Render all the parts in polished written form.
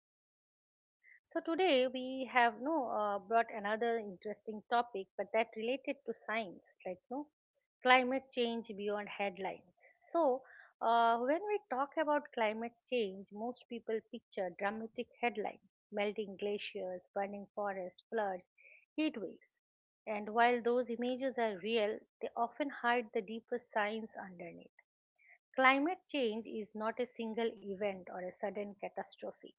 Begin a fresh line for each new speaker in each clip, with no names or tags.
our podcast. So today we have no brought another interesting topic, but that related to science, like no climate change beyond headline. So when we talk about climate change, most people picture dramatic headline: melting glaciers, burning forests, floods, heat waves. And while those images are real, they often hide the deeper science underneath. Climate change is not a single event or a sudden catastrophe.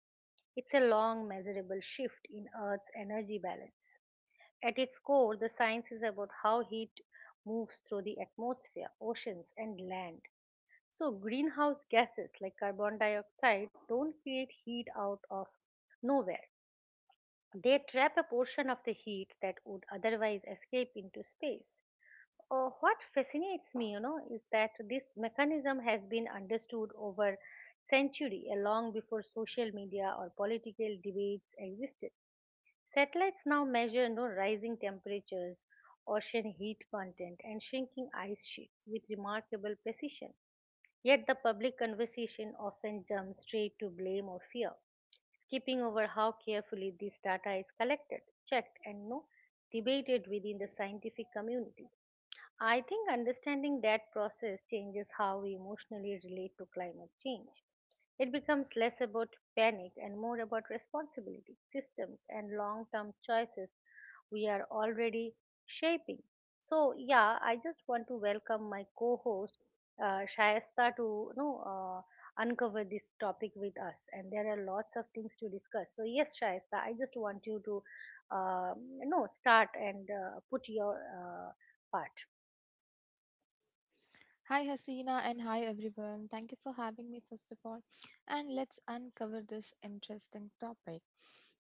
It's a long, measurable shift in Earth's energy balance. At its core, the science is about how heat moves through the atmosphere, oceans, and land. So, greenhouse gases like carbon dioxide don't create heat out of nowhere. They trap a portion of the heat that would otherwise escape into space. What fascinates me, is that this mechanism has been understood over century, long before social media or political debates existed. Satellites now measure rising temperatures, ocean heat content, and shrinking ice sheets with remarkable precision. Yet the public conversation often jumps straight to blame or fear, skipping over how carefully this data is collected, checked, and debated within the scientific community. I think understanding that process changes how we emotionally relate to climate change. It becomes less about panic and more about responsibility, systems, and long term choices we are already shaping. So, yeah, I just want to welcome my co host Shayasta to uncover this topic with us. And there are lots of things to discuss. So, yes, Shayasta, I just want you to um, start and put your part.
Hi Hasina and hi everyone. Thank you for having me first of all. And let's uncover this interesting topic.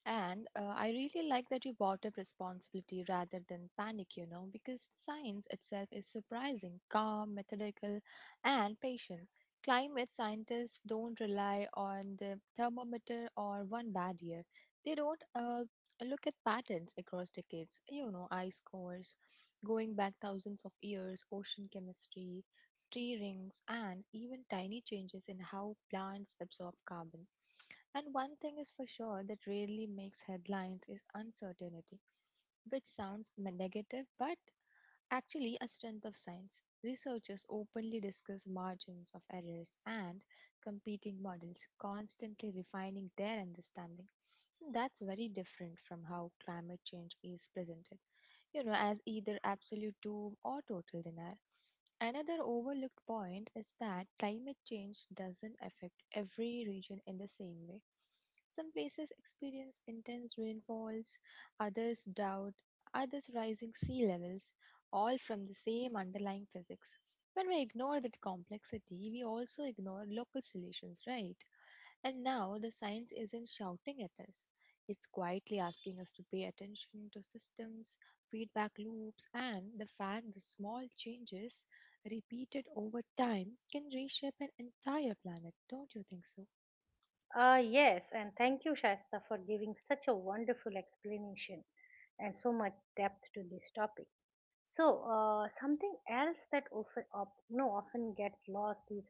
And I really like that you brought up responsibility rather than panic, you know, because science itself is surprising, calm, methodical, and patient. Climate scientists don't rely on the thermometer or one bad year. They don't look at patterns across decades, you know, ice cores, going back thousands of years, ocean chemistry, tree rings, and even tiny changes in how plants absorb carbon. And one thing is for sure that rarely makes headlines is uncertainty, which sounds negative but actually a strength of science. Researchers openly discuss margins of errors and competing models, constantly refining their understanding. That's very different from how climate change is presented, you know, as either absolute doom or total denial. Another overlooked point is that climate change doesn't affect every region in the same way. Some places experience intense rainfalls, others drought, others rising sea levels, all from the same underlying physics. When we ignore that complexity, we also ignore local solutions, right? And now the science isn't shouting at us. It's quietly asking us to pay attention to systems, feedback loops, and the fact that small changes repeated over time can reshape an entire planet. Don't you think so?
Yes, and thank you, Shasta, for giving such a wonderful explanation and so much depth to this topic. So, something else that often, op- no, often gets lost is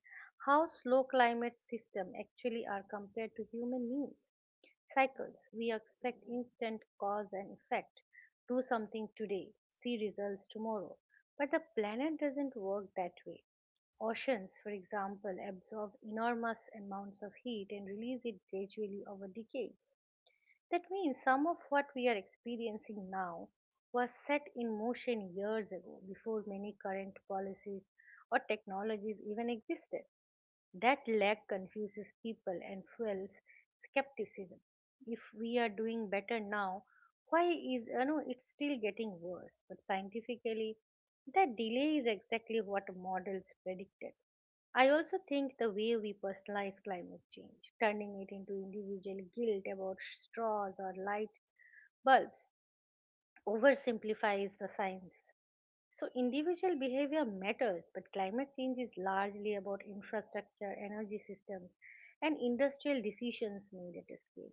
how slow climate systems actually are compared to human news cycles. We expect instant cause and effect. Do something today, see results tomorrow. But the planet doesn't work that way. Oceans, for example, absorb enormous amounts of heat and release it gradually over decades. That means some of what we are experiencing now was set in motion years ago before many current policies or technologies even existed. That lag confuses people and fuels skepticism. If we are doing better now, why is it's still getting worse? But scientifically, that delay is exactly what models predicted. I also think the way we personalize climate change, turning it into individual guilt about straws or light bulbs, oversimplifies the science so, individual behavior matters, but climate change is largely about infrastructure, energy systems, and industrial decisions made at a scale.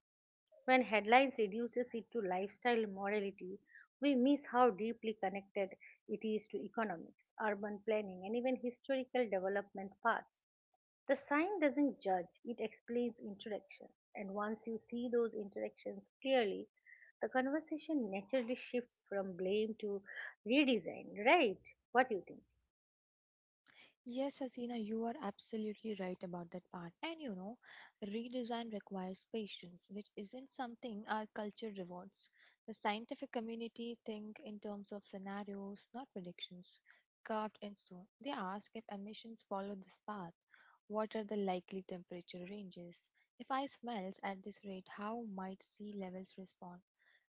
When headlines reduces it to lifestyle morality, we miss how deeply connected it is to economics, urban planning, and even historical development paths. The sign doesn't judge, it explains interactions. And once you see those interactions clearly, the conversation naturally shifts from blame to redesign, right? What do you think?
Yes, Hasina, you are absolutely right about that part. And you know, redesign requires patience, which isn't something our culture rewards. The scientific community think in terms of scenarios, not predictions, carved in stone. They ask if emissions follow this path. What are the likely temperature ranges? If ice melts at this rate, how might sea levels respond?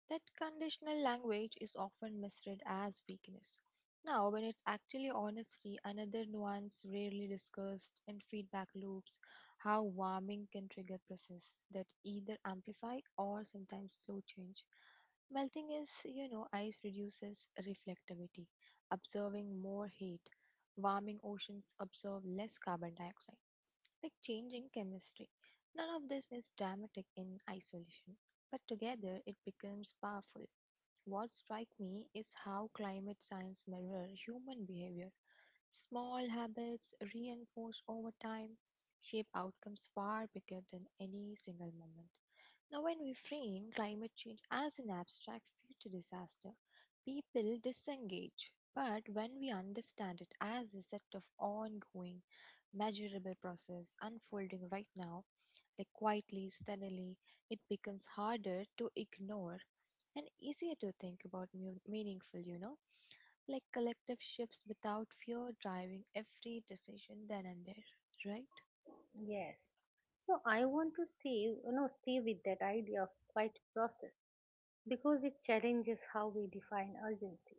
That conditional language is often misread as weakness now, when it's actually honesty, another nuance rarely discussed in feedback loops, how warming can trigger process that either amplify or sometimes slow change. Melting is, you know, ice reduces reflectivity, observing more heat. Warming oceans observe less carbon dioxide like changing chemistry. None of this is dramatic in isolation, but together it becomes powerful. What strikes me is how climate science mirrors human behavior. Small habits reinforced over time shape outcomes far bigger than any single moment. Now, when we frame climate change as an abstract future disaster, people disengage. But when we understand it as a set of ongoing, measurable process unfolding right now, like quietly, steadily, it becomes harder to ignore and easier to think about meaningful, you know, like collective shifts without fear driving every decision then and there, right?
Yes. So I want to stay with that idea of quiet process because it challenges how we define urgency.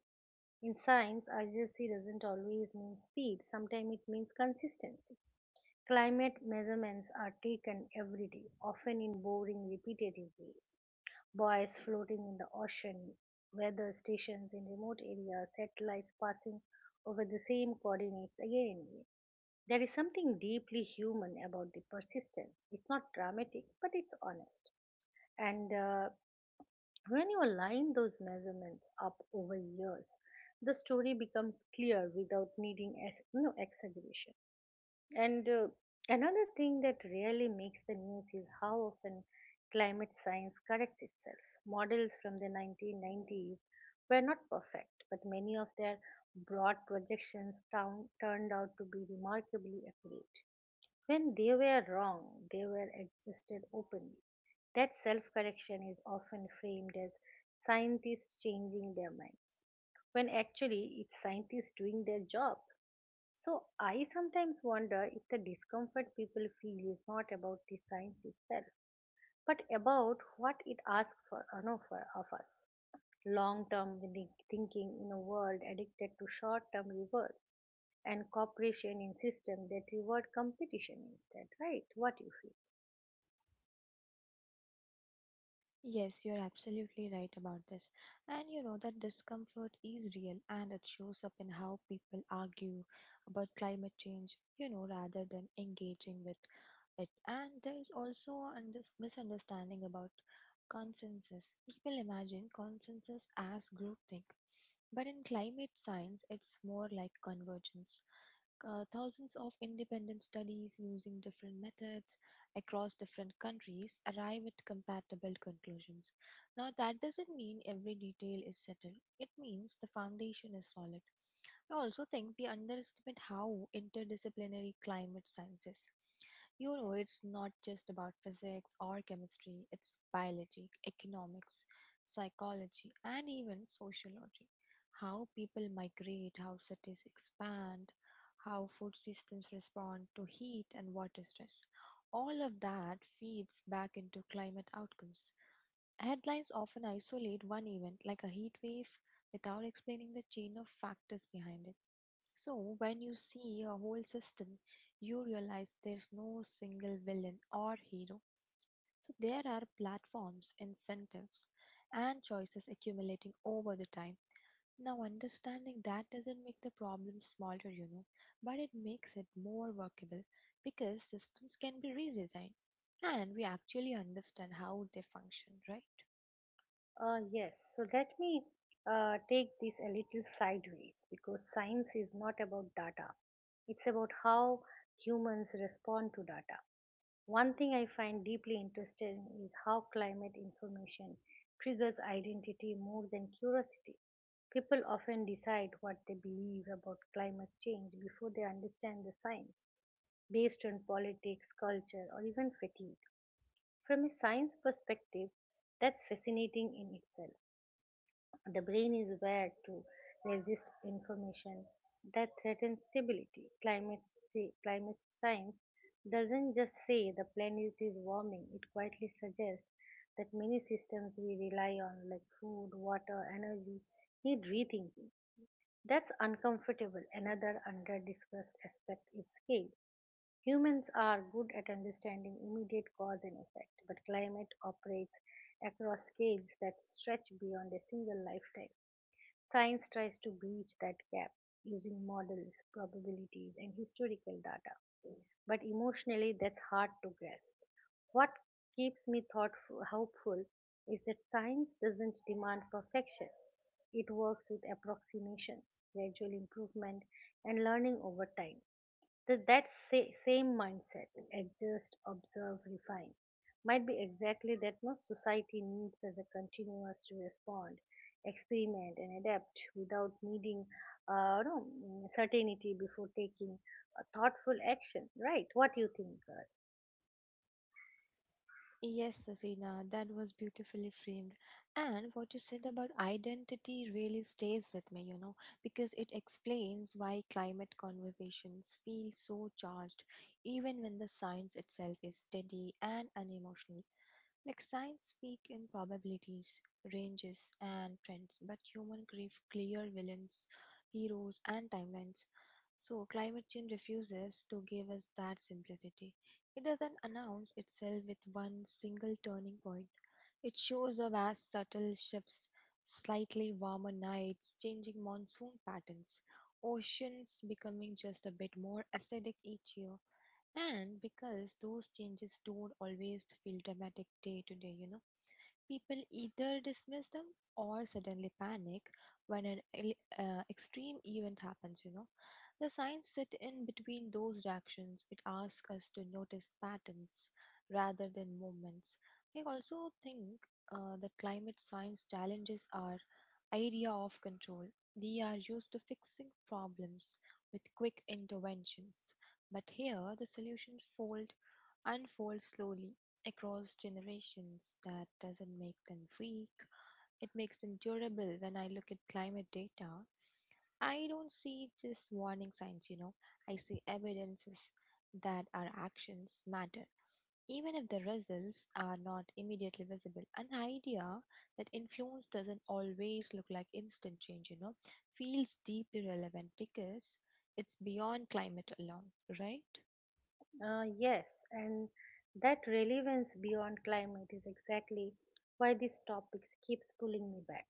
In science, urgency doesn't always mean speed, sometimes it means consistency. Climate measurements are taken every day, often in boring, repetitive ways. Buoys floating in the ocean, weather stations in remote areas, satellites passing over the same coordinates again and again. There is something deeply human about the persistence. It's not dramatic, but it's honest. And When you align those measurements up over years, the story becomes clear without needing exaggeration. And Another thing that really makes the news is how often climate science corrects itself. Models from the 1990s were not perfect, but many of their broad projections turned out to be remarkably accurate. When they were wrong, they were adjusted openly. That self correction is often framed as scientists changing their minds, when actually it's scientists doing their job. So I sometimes wonder if the discomfort people feel is not about the science itself, but about what it asks for of us. Long-term thinking in a world addicted to short-term rewards and cooperation in system that reward competition instead, right? What you feel?
Yes, you're absolutely right about this. And you know that discomfort is real and it shows up in how people argue about climate change, you know, rather than engaging with it. And there's also a misunderstanding about consensus. People imagine consensus as groupthink, but in climate science, it's more like convergence. Thousands of independent studies using different methods across different countries arrive at compatible conclusions. Now, that doesn't mean every detail is settled, it means the foundation is solid. I also think we underestimate how interdisciplinary climate science is. You know, it's not just about physics or chemistry, it's biology, economics, psychology, and even sociology. How people migrate, how cities expand, how food systems respond to heat and water stress. All of that feeds back into climate outcomes. Headlines often isolate one event, like a heat wave, without explaining the chain of factors behind it. So, when you see a whole system, you realize there's no single villain or hero. So, there are platforms, incentives, and choices accumulating over the time. Now, understanding that doesn't make the problem smaller, you know, but it makes it more workable because systems can be redesigned and we actually understand how they function, right?
Yes. So let me take this a little sideways because science is not about data. It's about how humans respond to data. One thing I find deeply interesting is how climate information triggers identity more than curiosity. People often decide what they believe about climate change before they understand the science, based on politics, culture, or even fatigue. From a science perspective, that's fascinating in itself. The brain is wired to resist information that threatens stability. Climate science doesn't just say the planet is warming, it quietly suggests that many systems we rely on, like food, water, energy, need rethinking. That's uncomfortable. Another under discussed aspect is scale. Humans are good at understanding immediate cause and effect, but climate operates across scales that stretch beyond a single lifetime. Science tries to bridge that gap using models, probabilities, and historical data. But emotionally, that's hard to grasp. What keeps me thoughtful, hopeful is that science doesn't demand perfection. It works with approximations, gradual improvement, and learning over time. The same mindset, adjust, observe, refine, might be exactly that no society needs as a continuous to respond, experiment, and adapt without needing no, mm, certainty before taking a thoughtful action. Right? What do you think? uh,
Yes, Sasina, that was beautifully framed. And what you said about identity really stays with me, you know, because it explains why climate conversations feel so charged, even when the science itself is steady and unemotional. Like science speak in probabilities, ranges, and trends, but human grief clear villains, heroes, and timelines. So, climate change refuses to give us that simplicity. It doesn't announce itself with one single turning point. It shows up as subtle shifts, slightly warmer nights, changing monsoon patterns, oceans becoming just a bit more acidic each year. And because those changes don't always feel dramatic day to day, you know. People either dismiss them or suddenly panic when an extreme event happens, you know. The signs sit in between those reactions. It asks us to notice patterns rather than moments. I also think that climate science challenges our idea of control. We are used to fixing problems with quick interventions, but here the solutions fold unfold slowly across generations. That doesn't make them weak, it makes them durable. When I look at climate data, I don't see just warning signs, you know, I see evidences that our actions matter. Even if the results are not immediately visible, an idea that influence doesn't always look like instant change, you know, feels deeply relevant because it's beyond climate alone, right?
Uh, yes, and that relevance beyond climate is exactly why this topic keeps pulling me back.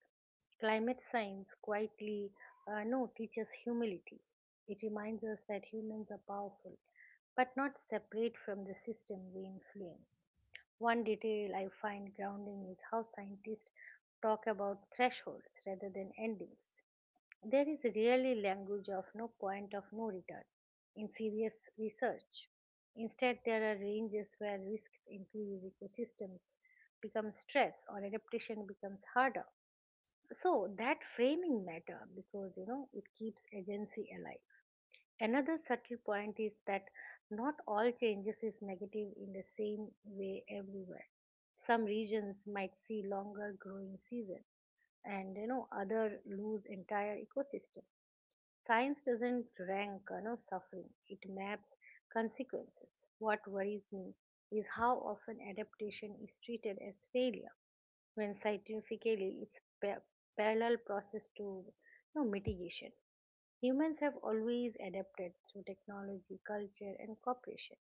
Climate science quietly, no, teaches humility. It reminds us that humans are powerful, but not separate from the system we influence. One detail I find grounding is how scientists talk about thresholds rather than endings. There is really language of no point of no return in serious research. Instead, there are ranges where risks increase, ecosystems become stressed, or adaptation becomes harder. So that framing matter because it keeps agency alive. Another subtle point is that not all changes is negative in the same way everywhere. Some regions might see longer growing season and other lose entire ecosystem. Science doesn't rank suffering, it maps consequences. What worries me is how often adaptation is treated as failure when scientifically it's parallel process to mitigation. Humans have always adapted through technology, culture, and cooperation.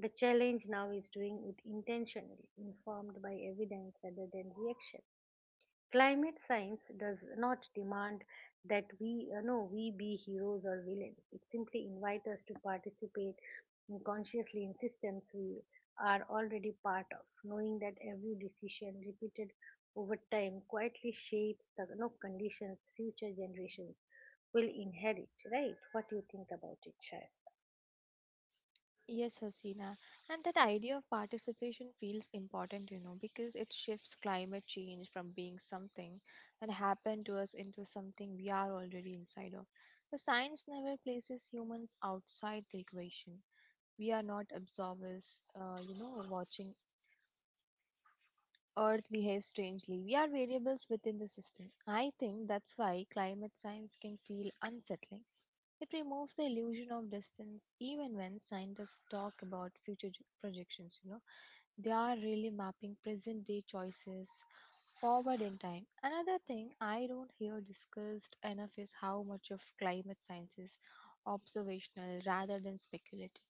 The challenge now is doing it intentionally, informed by evidence rather than reaction. Climate science does not demand that we no we be heroes or villains. It simply invites us to participate consciously in systems we are already part of, knowing that every decision repeated over time quietly shapes the no conditions future generations will inherit. Right? What do you think about it, Shasta?
Yes, Hasina. And that idea of participation feels important, you know, because it shifts climate change from being something that happened to us into something we are already inside of. The science never places humans outside the equation. We are not observers, you know, watching Earth behaves strangely. We are variables within the system. I think that's why climate science can feel unsettling. It removes the illusion of distance, even when scientists talk about future projections. You know, they are really mapping present day choices forward in time. Another thing I don't hear discussed enough is how much of climate science is observational rather than speculative.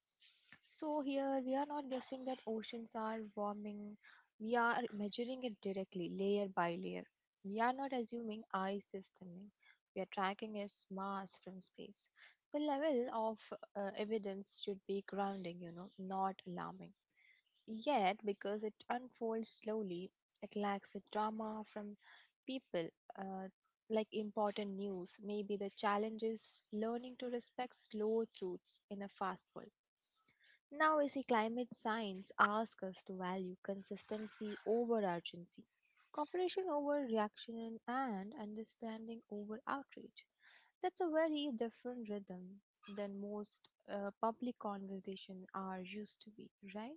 So here we are not guessing that oceans are warming. We are measuring it directly, layer by layer. We are not assuming ice is thinning. We are tracking its mass from space. The level of evidence should be grounding, you know, not alarming. Yet, because it unfolds slowly, it lacks the drama from people. Uh, like important news, maybe the challenge is learning to respect slow truths in a fast world. Now, we see climate science ask us to value consistency over urgency, cooperation over reaction, and understanding over outrage. That's a very different rhythm than most public conversation are used to be, right?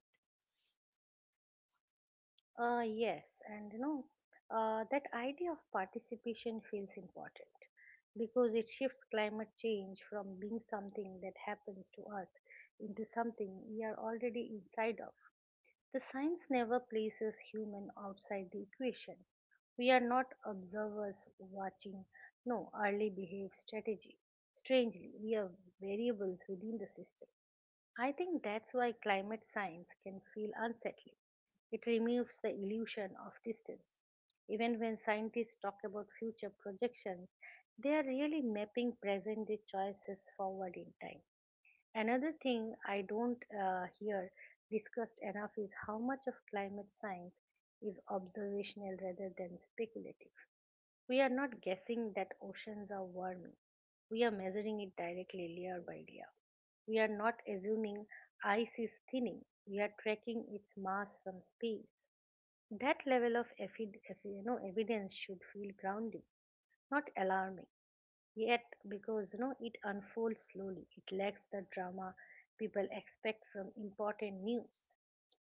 Yes, and that idea of participation feels important because it shifts climate change from being something that happens to us into something we are already inside of. The science never places human outside the equation. We are not observers watching, no, early behave strategy. Strangely, we are variables within the system. I think that's why climate science can feel unsettling. It removes the illusion of distance. Even when scientists talk about future projections, they are really mapping present day choices forward in time. Another thing I don't hear discussed enough is how much of climate science is observational rather than speculative. We are not guessing that oceans are warming. We are measuring it directly layer by layer. We are not assuming ice is thinning. We are tracking its mass from space. That level of evidence should feel grounding, not alarming. Yet, because it unfolds slowly, it lacks the drama people expect from important news.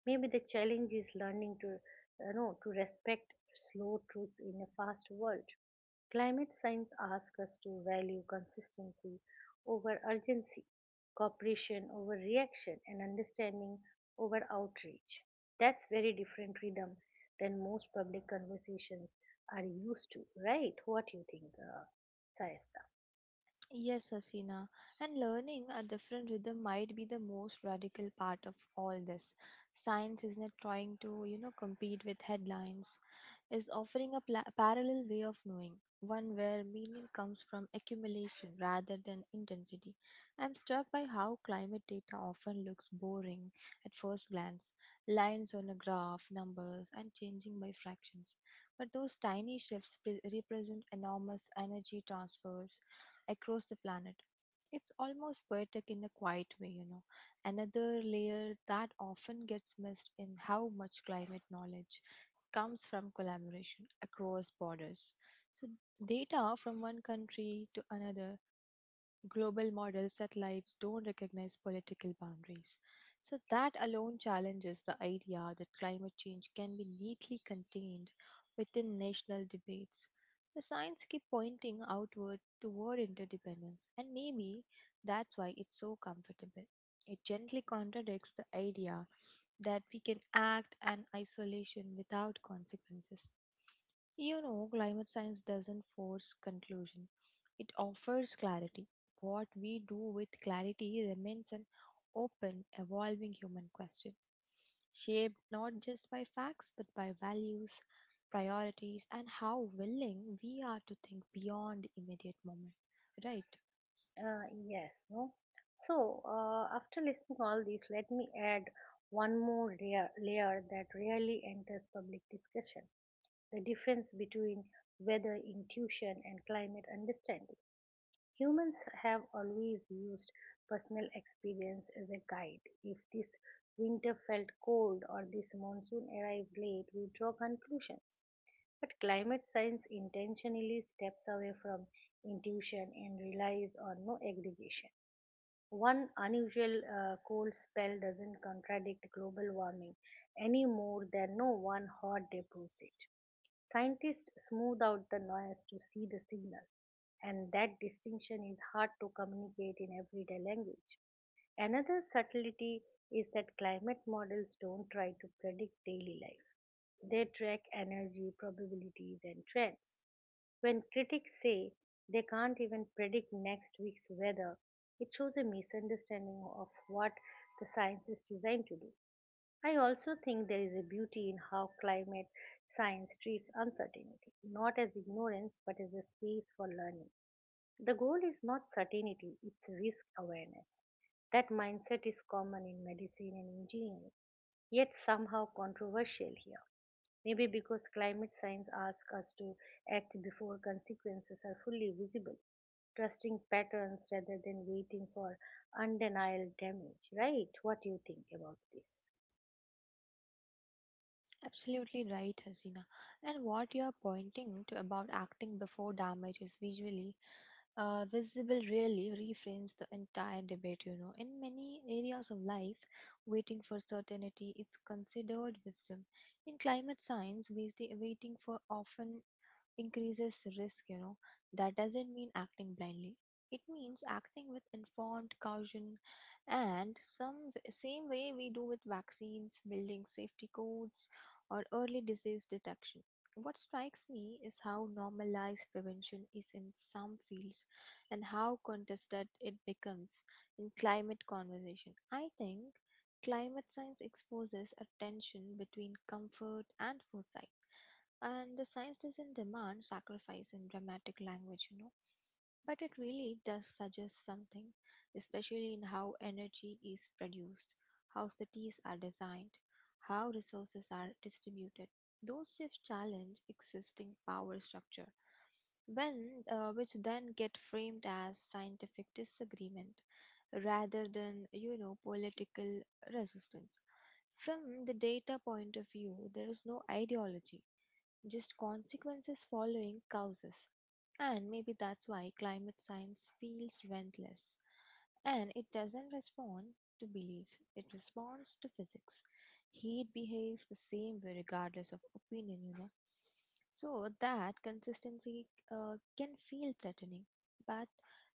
Maybe the challenge is learning to to respect slow truths in a fast world. Climate science asks us to value consistency over urgency, cooperation over reaction, and understanding over outreach. That's very different rhythm than most public conversations are used to, right? What do you think, Sayasta?
Yes, Hasina, and learning a different rhythm might be the most radical part of all this. Science is not trying to, you know, compete with headlines, is offering a parallel way of knowing, one where meaning comes from accumulation rather than intensity. I'm struck by how climate data often looks boring at first glance lines on a graph, numbers, and changing by fractions. But those tiny shifts represent enormous energy transfers across the planet. It's almost poetic in a quiet way, you know. Another layer that often gets missed in how much climate knowledge comes from collaboration across borders. So, data from one country to another global model satellites don't recognize political boundaries. So, that alone challenges the idea that climate change can be neatly contained within national debates. The signs keep pointing outward toward interdependence, and maybe that's why it's so comfortable. It gently contradicts the idea that we can act in isolation without consequences. You know, climate science doesn't force conclusion, it offers clarity what we do with clarity remains an open, evolving human question, shaped not just by facts but by values, priorities, and how willing we are to think beyond the immediate moment. Right?
Yes, no. So, after listening all this, let me add one more layer, layer that rarely enters public discussion: the difference between weather intuition and climate understanding. Humans have always used personal experience as a guide. If this winter felt cold or this monsoon arrived late, we draw conclusions. But climate science intentionally steps away from intuition and relies on no aggregation one unusual cold spell doesn't contradict global warming any more than no one hot day proves it. Scientists smooth out the noise to see the signal, and that distinction is hard to communicate in everyday language. Another subtlety is that climate models don't try to predict daily life. They track energy, probabilities, and trends. When critics say they can't even predict next week's weather, it shows a misunderstanding of what the science is designed to do. I also think there is a beauty in how climate science treats uncertainty, not as ignorance but as a space for learning. The goal is not certainty, it's risk awareness. That mindset is common in medicine and engineering, yet somehow controversial here. Maybe because climate science asks us to act before consequences are fully visible, trusting patterns rather than waiting for undeniable damage, right? What do you think about this?
Absolutely right, Hasina. And what you are pointing to about acting before damage is visually visible really reframes the entire debate, you know. In many areas of life waiting for certainty is considered wisdom, in climate science waiting for often increases risk, you know. That doesn't mean acting blindly. It means acting with informed caution and same way we do with vaccines, building safety codes or early disease detection. What strikes me is how normalized prevention is in some fields and how contested it becomes in climate conversation. I think climate science exposes a tension between comfort and foresight, and the science doesn't demand sacrifice in dramatic language, you know, but it really does suggest something, especially in how energy is produced, how cities are designed, how resources are distributed. Those shifts challenge existing power structure, when which then get framed as scientific disagreement rather than, you know, political resistance. From the data point of view, there is no ideology, just consequences following causes. And maybe that's why climate science feels relentless. And it doesn't respond to belief, it responds to physics. Heat behaves the same way regardless of opinion, you know. So that consistency can feel threatening, but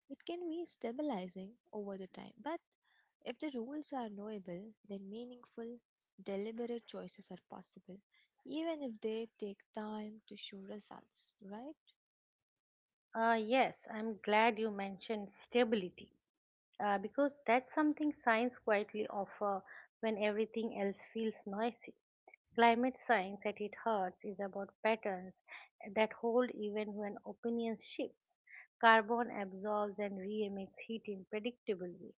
it can be stabilizing over the time. But if the rules are knowable, then meaningful, deliberate choices are possible even if they take time to show results, right?
Yes, I'm glad you mentioned stability because that's something science quietly offers when everything else feels noisy. Climate science at its heart is about patterns that hold even when opinions shifts. Carbon absorbs and re-emits heat in predictable ways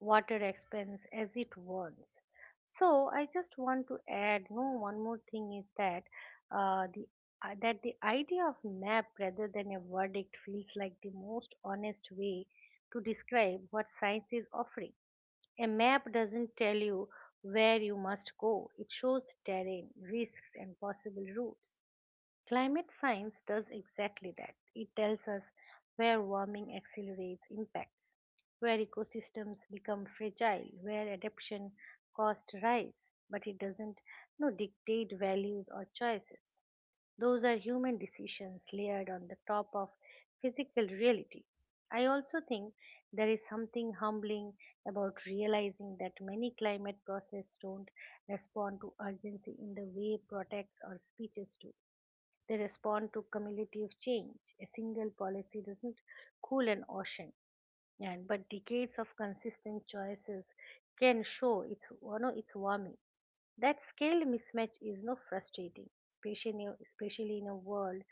water expense as it wants. So I just want to add, no, one more thing is that the that the idea of map rather than a verdict feels like the most honest way to describe what science is offering. A map doesn't tell you where you must go; it shows terrain, risks, and possible routes. Climate science does exactly that. It tells us where warming accelerates impacts, where ecosystems become fragile, where adaptation costs rise, but it doesn't no, dictate values or choices. Those are human decisions layered on the top of physical reality. I also think there is something humbling about realizing that many climate processes don't respond to urgency in the way protests or speeches do they respond to cumulative change. A single policy doesn't cool an ocean, and but decades of consistent choices can show its you know, its warming. That scale mismatch is no frustrating, especially in a world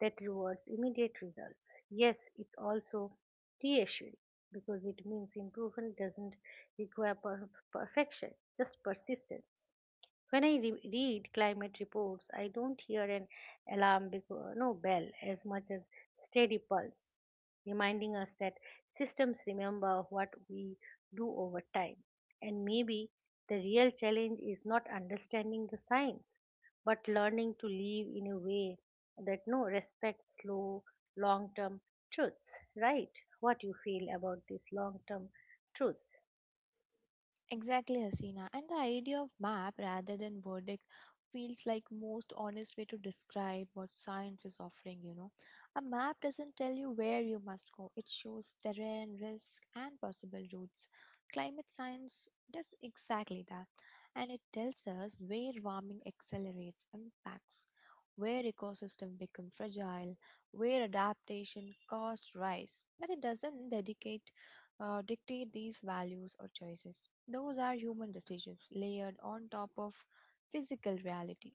that rewards immediate results. Yes, it's also reassuring because it means improvement doesn't require perfection, just persistence. When I read climate reports, I don't hear an alarm because, no bell as much as steady pulse, reminding us that systems remember what we do over time. And maybe the real challenge is not understanding the science, but learning to live in a way that no respects slow long-term truths. Right? What you feel about these long-term truths?
Exactly, Hasina. And the idea of map rather than verdict feels like most honest way to describe what science is offering. A map doesn't tell you where you must go. It shows terrain, risk and possible routes. Climate science does exactly that. And it tells us where warming accelerates impacts, where ecosystem become fragile, where adaptation costs rise. But it doesn't dedicate dictate these values or choices. Those are human decisions layered on top of physical reality.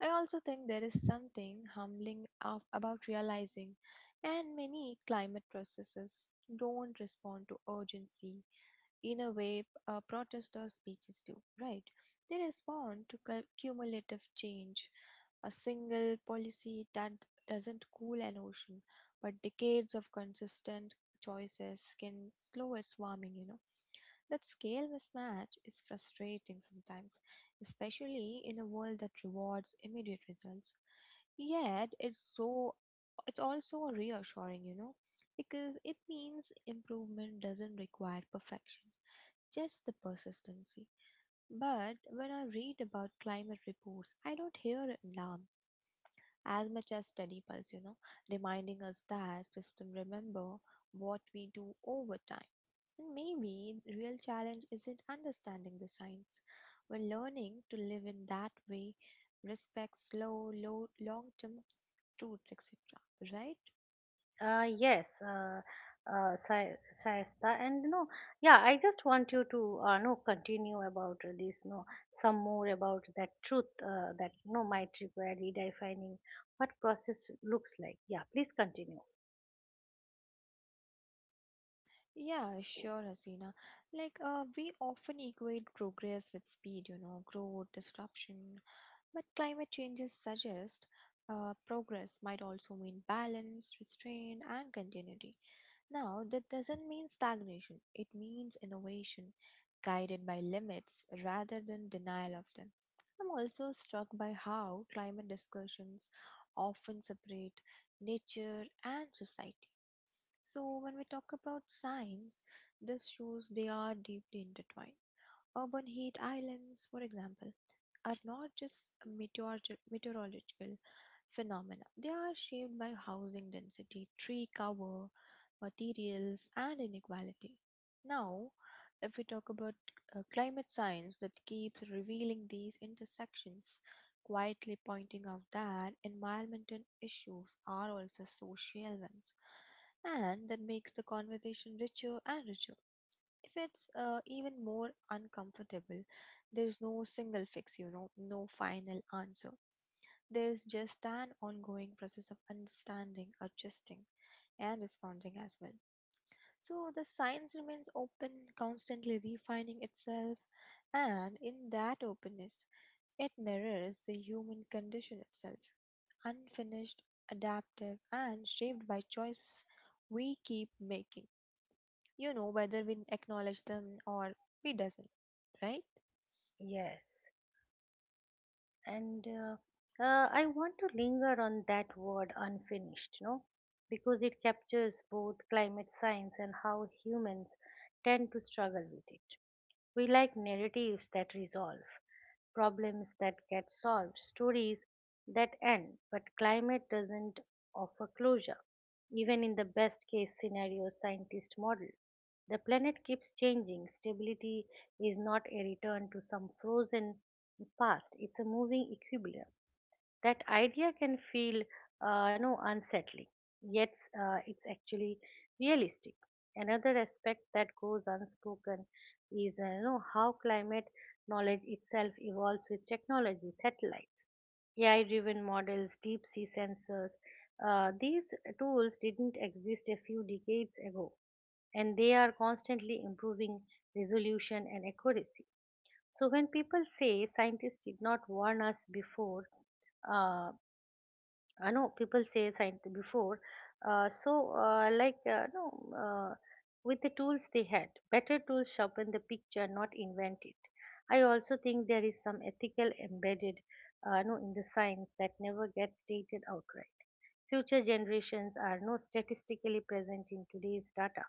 I also think there is something humbling about realizing, and many climate processes don't respond to urgency in a way protester speeches do, right? They respond to cumulative change. A single policy that doesn't cool an ocean, but decades of consistent choices can slow its warming. That scale mismatch is frustrating sometimes, especially in a world that rewards immediate results. Yet it's also reassuring, because it means improvement doesn't require perfection, just the persistency. But when I read about climate reports, I don't hear alarm as much as Steady Pulse, reminding us that system remember what we do over time. And maybe the real challenge isn't understanding the science, but learning to live in that way, respect slow, low, long-term truths, etc. Right?
Uh, yes, uh, uh, Shay- Shayesta, and no, yeah, I just want you to no continue about this, no, some more about that truth that no might require redefining what process looks like. Yeah, please continue.
Yeah, sure, Hasina. We often equate progress with speed, growth, disruption, but climate changes suggest progress might also mean balance, restraint, and continuity. Now, that doesn't mean stagnation, it means innovation guided by limits rather than denial of them. I'm also struck by how climate discussions often separate nature and society. So, when we talk about science, this shows they are deeply intertwined. Urban heat islands, for example, are not just meteorological phenomena, they are shaped by housing density, tree cover, materials, and inequality. Now, if we talk about climate science that keeps revealing these intersections, quietly pointing out that environmental issues are also social ones, and that makes the conversation richer and richer if it's even more uncomfortable, there's no single fix, no final answer. There's just an ongoing process of understanding, adjusting, and responding as well. So the science remains open, constantly refining itself, and in that openness, it mirrors the human condition itself, unfinished, adaptive, and shaped by choices we keep making, you know, whether we acknowledge them or we doesn't, right?
Yes, and I want to linger on that word unfinished, no, because it captures both climate science and how humans tend to struggle with it. We like narratives that resolve, problems that get solved, stories that end. But climate doesn't offer closure. Even in the best case scenario scientist model, the planet keeps changing. Stability is not a return to some frozen past, it's a moving equilibrium that idea can feel no unsettling yet it's actually realistic another aspect that goes unspoken is you know how climate knowledge itself evolves with technology satellites ai driven models deep sea sensors these tools didn't exist a few decades ago and they are constantly improving resolution and accuracy so when people say scientists did not warn us before uh, I know people say science before. So, like, no, uh, with the tools they had, better tools sharpen the picture, not invent it. I also think there is some ethical embedded, no, in the science that never gets stated outright. Future generations are not statistically present in today's data.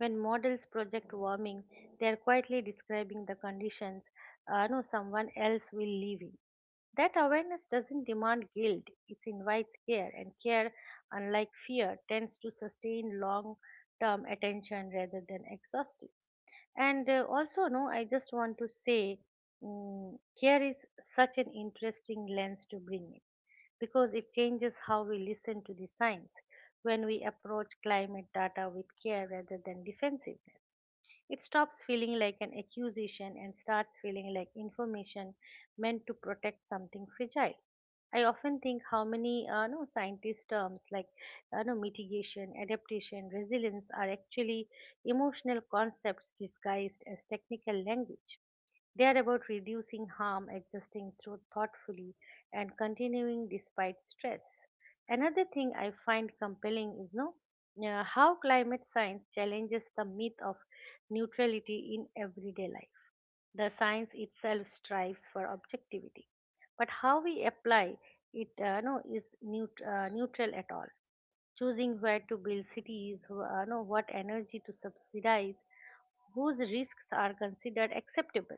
When models project warming, they are quietly describing the conditions no, someone else will live in. That awareness doesn't demand guilt, it invites care, and care, unlike fear, tends to sustain long term attention rather than exhaustion. And also, no, I just want to say care is such an interesting lens to bring in because it changes how we listen to the science when we approach climate data with care rather than defensiveness. It stops feeling like an accusation and starts feeling like information meant to protect something fragile. I often think how many no scientist terms like no mitigation, adaptation, resilience are actually emotional concepts disguised as technical language. They are about reducing harm, adjusting through thoughtfully, and continuing despite stress. Another thing I find compelling is no how climate science challenges the myth of neutrality in everyday life. The science itself strives for objectivity, but how we apply it no, is neut- neutral at all. Choosing where to build cities, no, what energy to subsidize, whose risks are considered acceptable.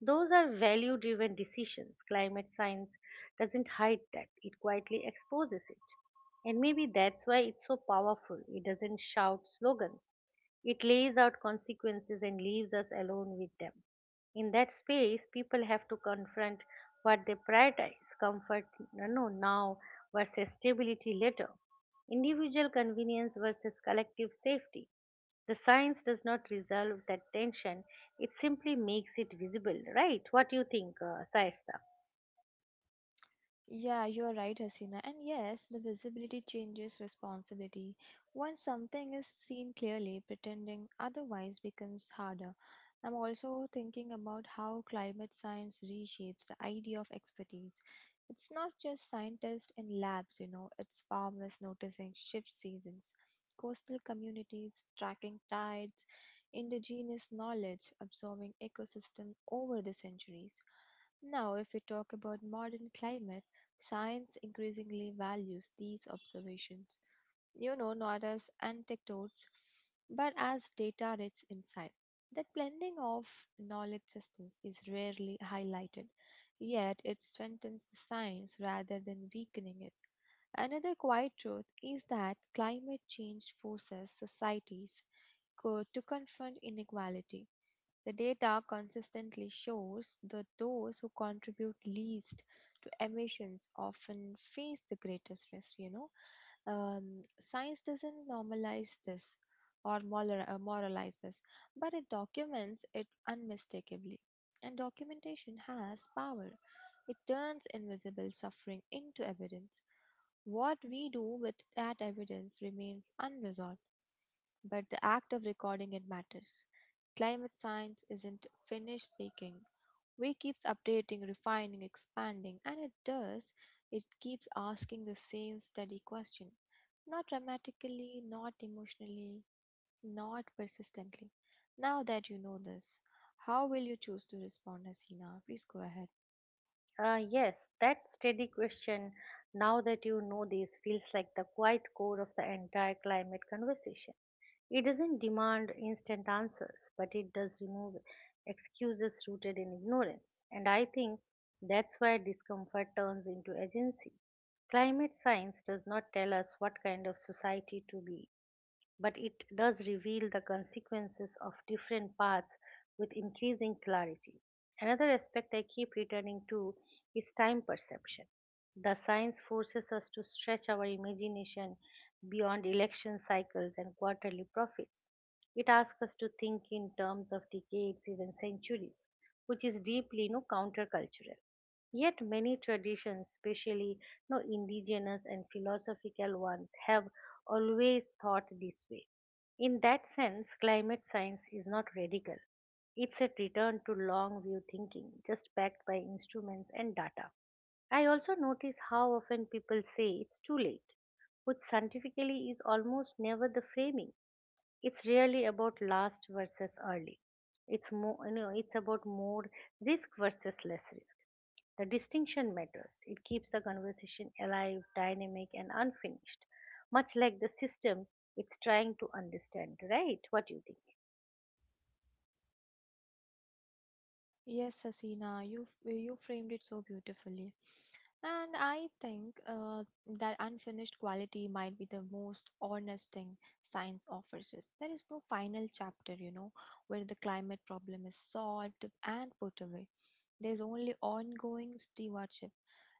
Those are value driven decisions. Climate science doesn't hide that, it quietly exposes it. And maybe that's why it's so powerful. It doesn't shout slogans, it lays out consequences and leaves us alone with them. In that space, people have to confront what they prioritize comfort you know, now versus stability later, individual convenience versus collective safety. The science does not resolve that tension, it simply makes it visible, right? What do you think, Saista?
Yeah, you're right, Hasina. And yes, the visibility changes responsibility. Once something is seen clearly, pretending otherwise becomes harder. I'm also thinking about how climate science reshapes the idea of expertise. It's not just scientists in labs, it's farmers noticing shift seasons, coastal communities tracking tides, indigenous knowledge absorbing ecosystem over the centuries. Now, if we talk about modern climate, science increasingly values these observations, you know, not as anecdotes, but as data rich insight. That blending of knowledge systems is rarely highlighted, yet it strengthens the science rather than weakening it. Another quiet truth is that climate change forces societies to confront inequality. The data consistently shows that those who contribute least to emissions often face the greatest risk, you know. Science doesn't normalize this or moralize this, but it documents it unmistakably. And documentation has power, it turns invisible suffering into evidence. What we do with that evidence remains unresolved but the act of recording it matters. Climate science isn't finished speaking. We keeps updating, refining, expanding, and it does. It keeps asking the same steady question. Not dramatically, not emotionally, not persistently. Now that you know this, how will you choose to respond, Hasina? Please go ahead.
Uh, yes, that steady question, now that you know this, feels like the quiet core of the entire climate conversation. It doesn't demand instant answers, but it does remove excuses rooted in ignorance. And I think that's why discomfort turns into agency. Climate science does not tell us what kind of society to be but it does reveal the consequences of different paths with increasing clarity. Another aspect I keep returning to is time perception. The science forces us to stretch our imagination beyond election cycles and quarterly profits. It asks us to think in terms of decades, even centuries, which is deeply you know, countercultural. Yet many traditions, especially no indigenous and philosophical ones, have always thought this way. In that sense, climate science is not radical. It's a return to long view thinking, just backed by instruments and data. I also notice how often people say it's too late, which scientifically is almost never the framing. It's really about last versus early. It's more, you know, it's about more risk versus less risk. The distinction matters. It keeps the conversation alive, dynamic, and unfinished, much like the system it's trying to understand, right? What do you think?
Yes, Hasina, you framed it so beautifully. And I think that unfinished quality might be the most honest thing science offers us. There is no final chapter, you know, where the climate problem is solved and put away. There's only ongoing stewardship,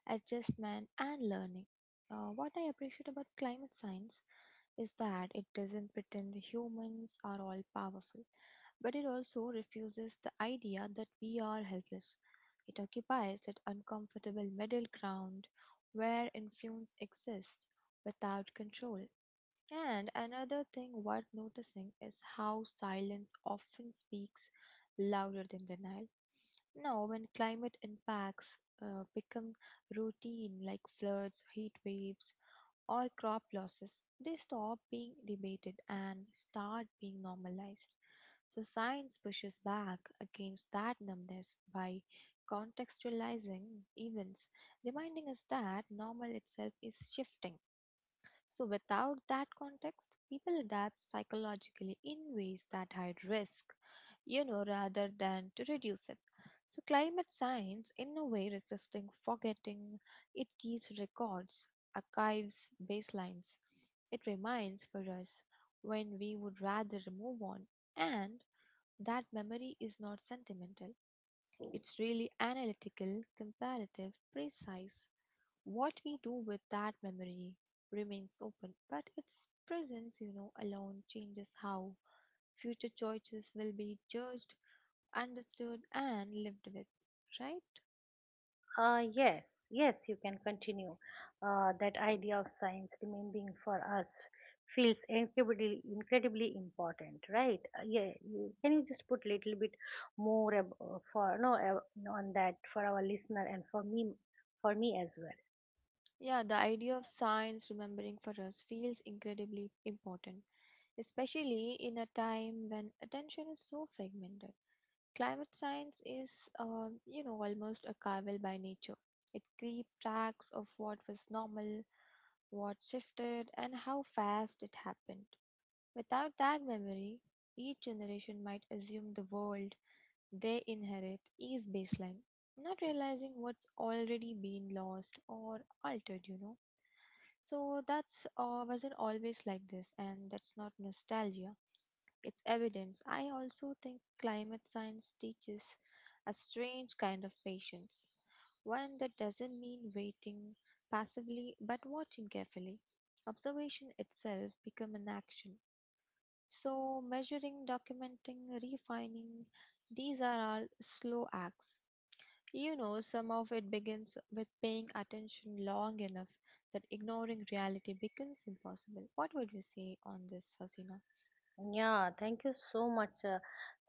adjustment, and learning. What I appreciate about climate science is that it doesn't pretend humans are all powerful but it also refuses the idea that we are helpless. It occupies that uncomfortable middle ground where influence exists without control. And another thing worth noticing is how silence often speaks louder than denial. Now, when climate impacts become routine like floods, heat waves, or crop losses, they stop being debated and start being normalized. So, science pushes back against that numbness by contextualizing events, reminding us that normal itself is shifting. So, without that context, people adapt psychologically in ways that hide risk, you know, rather than to reduce it. So, climate science, in a way, resisting forgetting, it keeps records, archives, baselines. It reminds for us when we would rather move on, and that memory is not sentimental. It's really analytical, comparative, precise. What we do with that memory remains open, but its presence, you know, alone changes how future choices will be judged, understood, and lived with, right?
Yes, yes, you can continue. That idea of science remaining for us feels incredibly, incredibly important, right? Yeah, you, can you just put a little bit more for no on that for our listener and for me as well.
Yeah, the idea of science remembering for us feels incredibly important, especially in a time when attention is so fragmented. Climate science is, you know, almost archival by nature. It keeps tracks of what was normal, what shifted, and how fast it happened. Without that memory, each generation might assume the world they inherit is baseline, not realizing what's already been lost or altered, you know. So that's wasn't always like this, and that's not nostalgia. It's evidence. I also think climate science teaches a strange kind of patience, one that doesn't mean waiting passively but watching carefully. Observation itself become an action. So measuring, documenting, refining, these are all slow acts. You know, some of it begins with paying attention long enough that ignoring reality becomes impossible. What would you say on this, Hasina?
Yeah, thank you so much,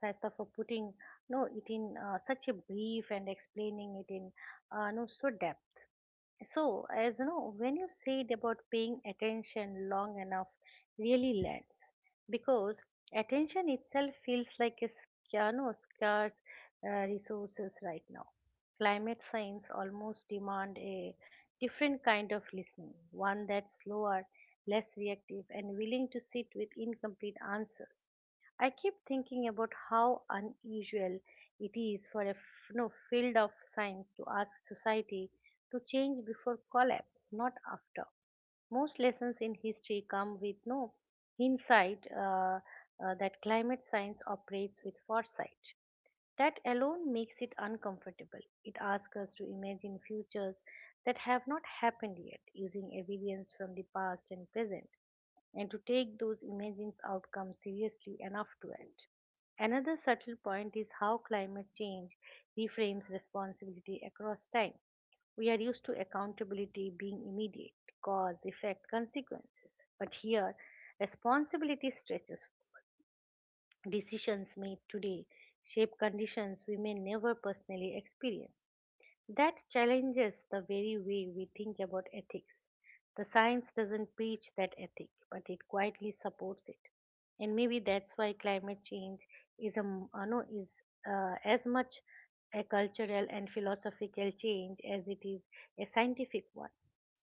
Saista, for putting no it in such a brief and explaining it in no so depth. So as you know, when you said about paying attention long enough, really lands because attention itself feels like a no, scarce resources right now. Climate science almost demand a different kind of listening, one that's slower, less reactive, and willing to sit with incomplete answers I keep thinking about how unusual it is for a no, field of science to ask society to change before collapse, not after. Most lessons in history come with no insight that climate science operates with foresight. That alone makes it uncomfortable. It asks us to imagine futures that have not happened yet, using evidence from the past and present and to take those imagined outcomes seriously enough to act. Another subtle point is how climate change reframes responsibility across time. We are used to accountability being immediate, cause, effect, consequences. But here, responsibility stretches. Decisions made today shape conditions we may never personally experience. That challenges the very way we think about ethics. The science doesn't preach that ethic, but it quietly supports it. And maybe that's why climate change is a no, is as much a cultural and philosophical change as it is a scientific one.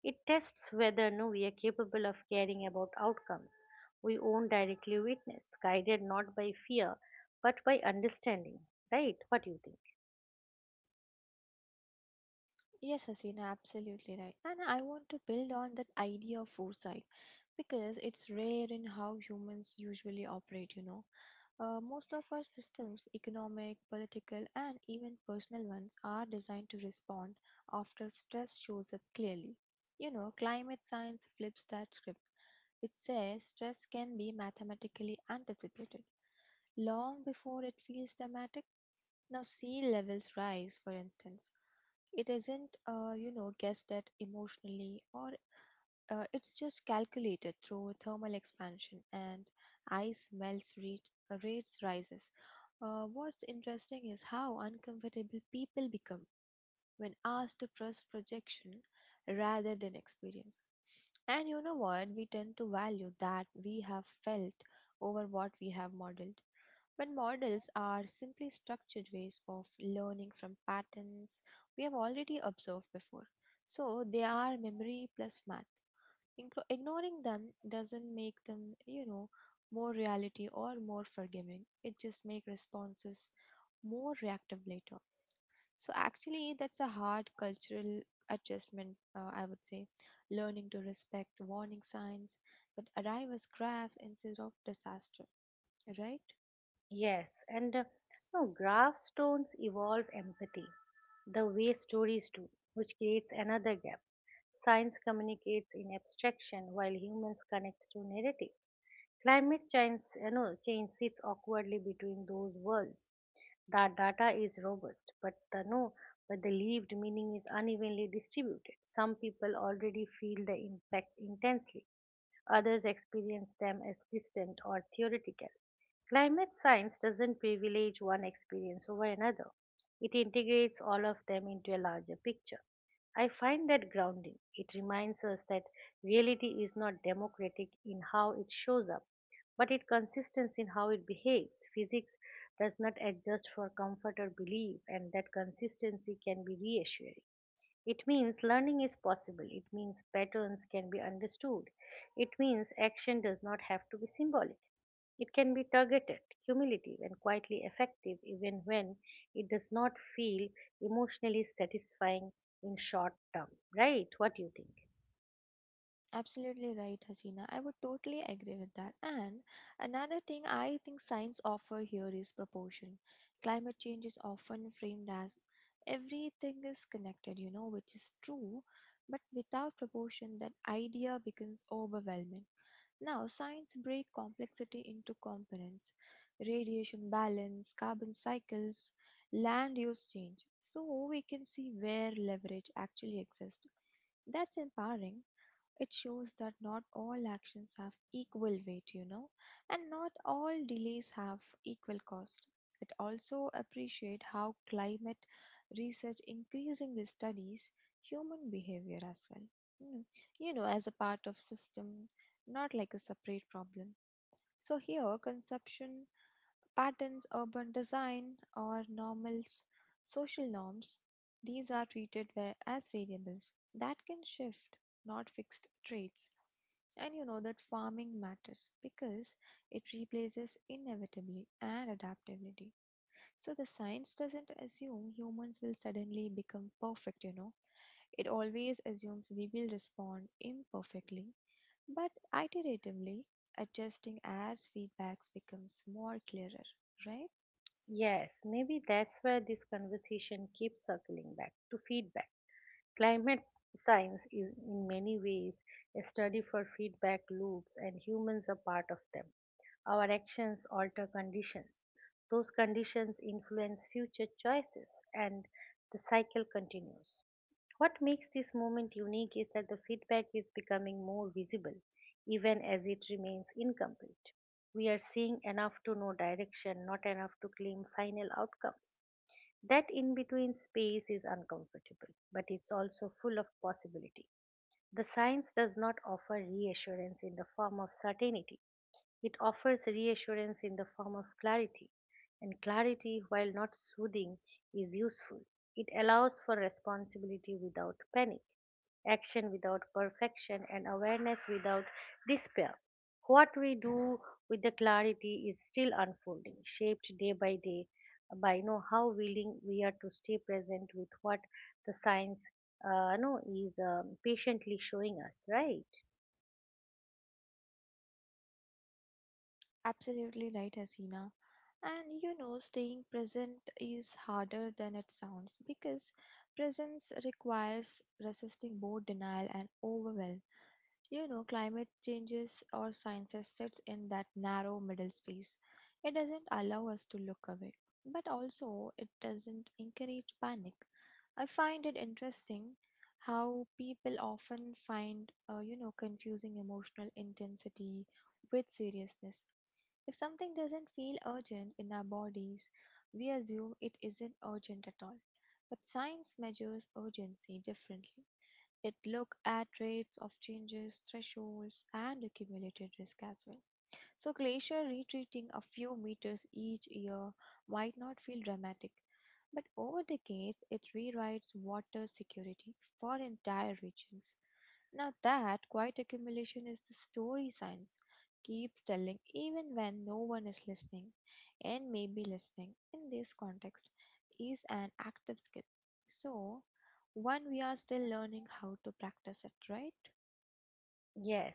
It tests whether no we are capable of caring about outcomes we own directly witness, guided not by fear but by understanding. Right? What do you think?
Yes, Hasina, absolutely right. And I want to build on that idea of foresight because it's rare in how humans usually operate, you know. Most of our systems, economic, political, and even personal ones, are designed to respond after stress shows up clearly. You know, climate science flips that script. It says stress can be mathematically anticipated long before it feels dramatic. Now, sea levels rise, for instance. It isn't guessed at emotionally, or it's just calculated through thermal expansion and ice melts rate, rates rises. What's interesting is how uncomfortable people become when asked to trust projection rather than experience. And you know what? We tend to value that we have felt over what we have modeled. But models are simply structured ways of learning from patterns we have already observed before. So they are memory plus math. Ignoring them doesn't make them, you know, more reality or more forgiving. It just makes responses more reactive later. So actually, that's a hard cultural adjustment, I would say. Learning to respect warning signs that arrive as graphs instead of disaster, right?
Yes, and no, graph stones evolve empathy, the way stories do, which creates another gap. Science communicates in abstraction while humans connect through narrative. Climate change, you know, change sits awkwardly between those worlds. The data is robust, but the no, but the lived meaning is unevenly distributed. Some people already feel the impact intensely, others experience them as distant or theoretical. Climate science doesn't privilege one experience over another, it integrates all of them into a larger picture. I find that grounding. It reminds us that reality is not democratic in how it shows up, but it consistent in how it behaves. Physics does not adjust for comfort or belief, and that consistency can be reassuring. It means learning is possible. It means patterns can be understood. It means action does not have to be symbolic. It can be targeted, cumulative, and quietly effective even when it does not feel emotionally satisfying in short term. Right? What do you think?
Absolutely right, Hasina. I would totally agree with that. And another thing I think science offer here is proportion. Climate change is often framed as everything is connected, you know, which is true, but without proportion that idea becomes overwhelming. Now, science break complexity into components, radiation balance, carbon cycles, land use change, so we can see where leverage actually exists. That's empowering, it shows that not all actions have equal weight, you know, and not all delays have equal cost. It also appreciates how climate research increasingly studies human behavior as well. Mm. You know, as a part of system, not like a separate problem. So here, consumption patterns, urban design, or normals, social norms, these are treated as variables that can shift, not fixed traits. And you know that farming matters because it replaces inevitably and adaptability. So the science doesn't assume humans will suddenly become perfect, you know. It always assumes we will respond imperfectly, but iteratively adjusting as feedbacks becomes more clearer, right?
Yes, maybe that's where this conversation keeps circling back to feedback. Climate science is in many ways a study for feedback loops, and humans are part of them. Our actions alter conditions. Those conditions influence future choices and the cycle continues. What makes this moment unique is that the feedback is becoming more visible even as it remains incomplete. We are seeing enough to know direction, not enough to claim final outcomes. That in between space is uncomfortable, but it's also full of possibility. The science does not offer reassurance in the form of certainty, it offers reassurance in the form of clarity, and clarity, while not soothing, is useful. It allows for responsibility without panic, action without perfection, and awareness without despair. What we do with the clarity is still unfolding, shaped day by day by know how willing we are to stay present with what the science know is patiently showing us right.
Absolutely right, Hasina. And you know, staying present is harder than it sounds because presence requires resisting both denial and overwhelm. You know, climate changes or science sits in that narrow middle space. It doesn't allow us to look away, but also it doesn't encourage panic. I find it interesting how people often find, you know, confusing emotional intensity with seriousness. If something doesn't feel urgent in our bodies, we assume it isn't urgent at all. But science measures urgency differently. It look at rates of changes, thresholds, and accumulated risk as well. So glacier retreating a few meters each year might not feel dramatic, but over decades it rewrites water security for entire regions. Now, that quiet accumulation is the story science keeps telling even when no one is listening, and maybe listening in this context is an active skill. So, one we are still learning how to practice it, right?
Yes,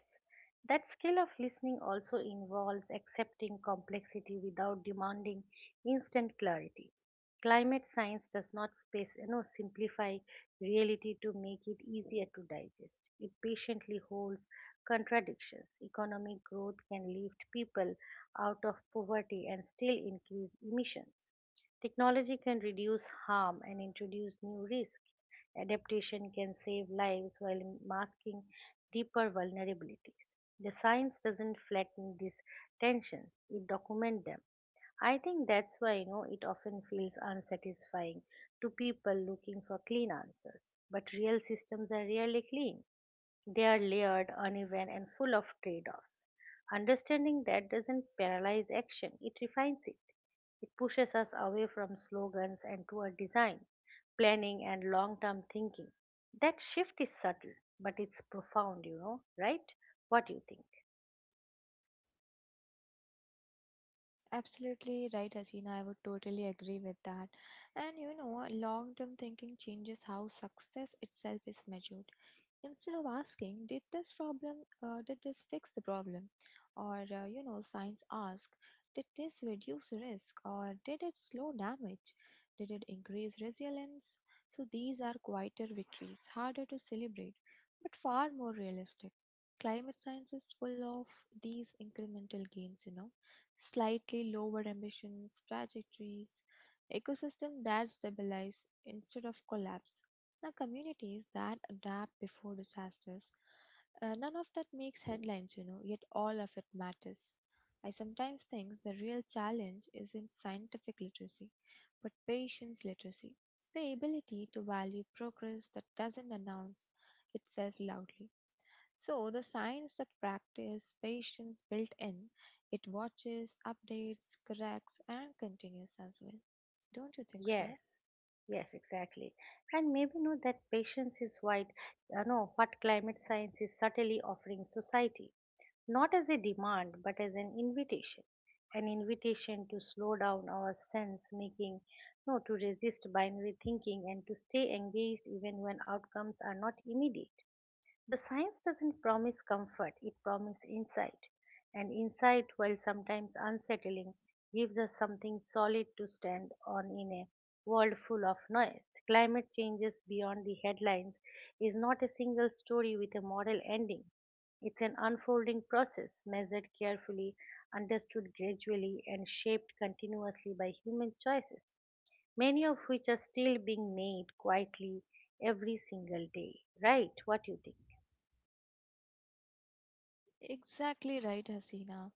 that skill of listening also involves accepting complexity without demanding instant clarity. Climate science does not space, simplify reality to make it easier to digest. It patiently holds contradictions. Economic growth can lift people out of poverty and still increase emissions. Technology can reduce harm and introduce new risks. Adaptation can save lives while masking deeper vulnerabilities. The science doesn't flatten these tensions, it documents them. I think that's why, it often feels unsatisfying to people looking for clean answers. But real systems are rarely clean. They are layered, uneven, and full of trade offs. Understanding that doesn't paralyze action, it refines it. It pushes us away from slogans and toward design, planning, and long term thinking. That shift is subtle, but it's profound, right? What do you think?
Absolutely right, Hasina. I would totally agree with that. And you know, long term thinking changes how success itself is measured. Instead of asking, did this fix the problem, or science ask, did this reduce risk, or did it slow damage, did it increase resilience? So these are quieter victories, harder to celebrate, but far more realistic. Climate science is full of these incremental gains, slightly lower emissions trajectories, ecosystem that stabilize instead of collapse, now, communities that adapt before disasters. None of that makes headlines, yet all of it matters. I sometimes think the real challenge isn't scientific literacy, but patience literacy, the ability to value progress that doesn't announce itself loudly. So, the science that practice patience built in, it watches, updates, corrects, and continues as well. Don't you think
Yes,
so?
yes, exactly. And maybe know that patience is what, no, what climate science is subtly offering society, not as a demand, but as an invitation to slow down our sense making, no, to resist binary thinking and to stay engaged even when outcomes are not immediate. The science doesn't promise comfort, it promises insight. And insight, while sometimes unsettling, gives us something solid to stand on in a world full of noise. Climate changes beyond the headlines is not a single story with a moral ending. It's an unfolding process, measured carefully, understood gradually, and shaped continuously by human choices, many of which are still being made quietly every single day. Right? What do you think?
Exactly right, Hasina.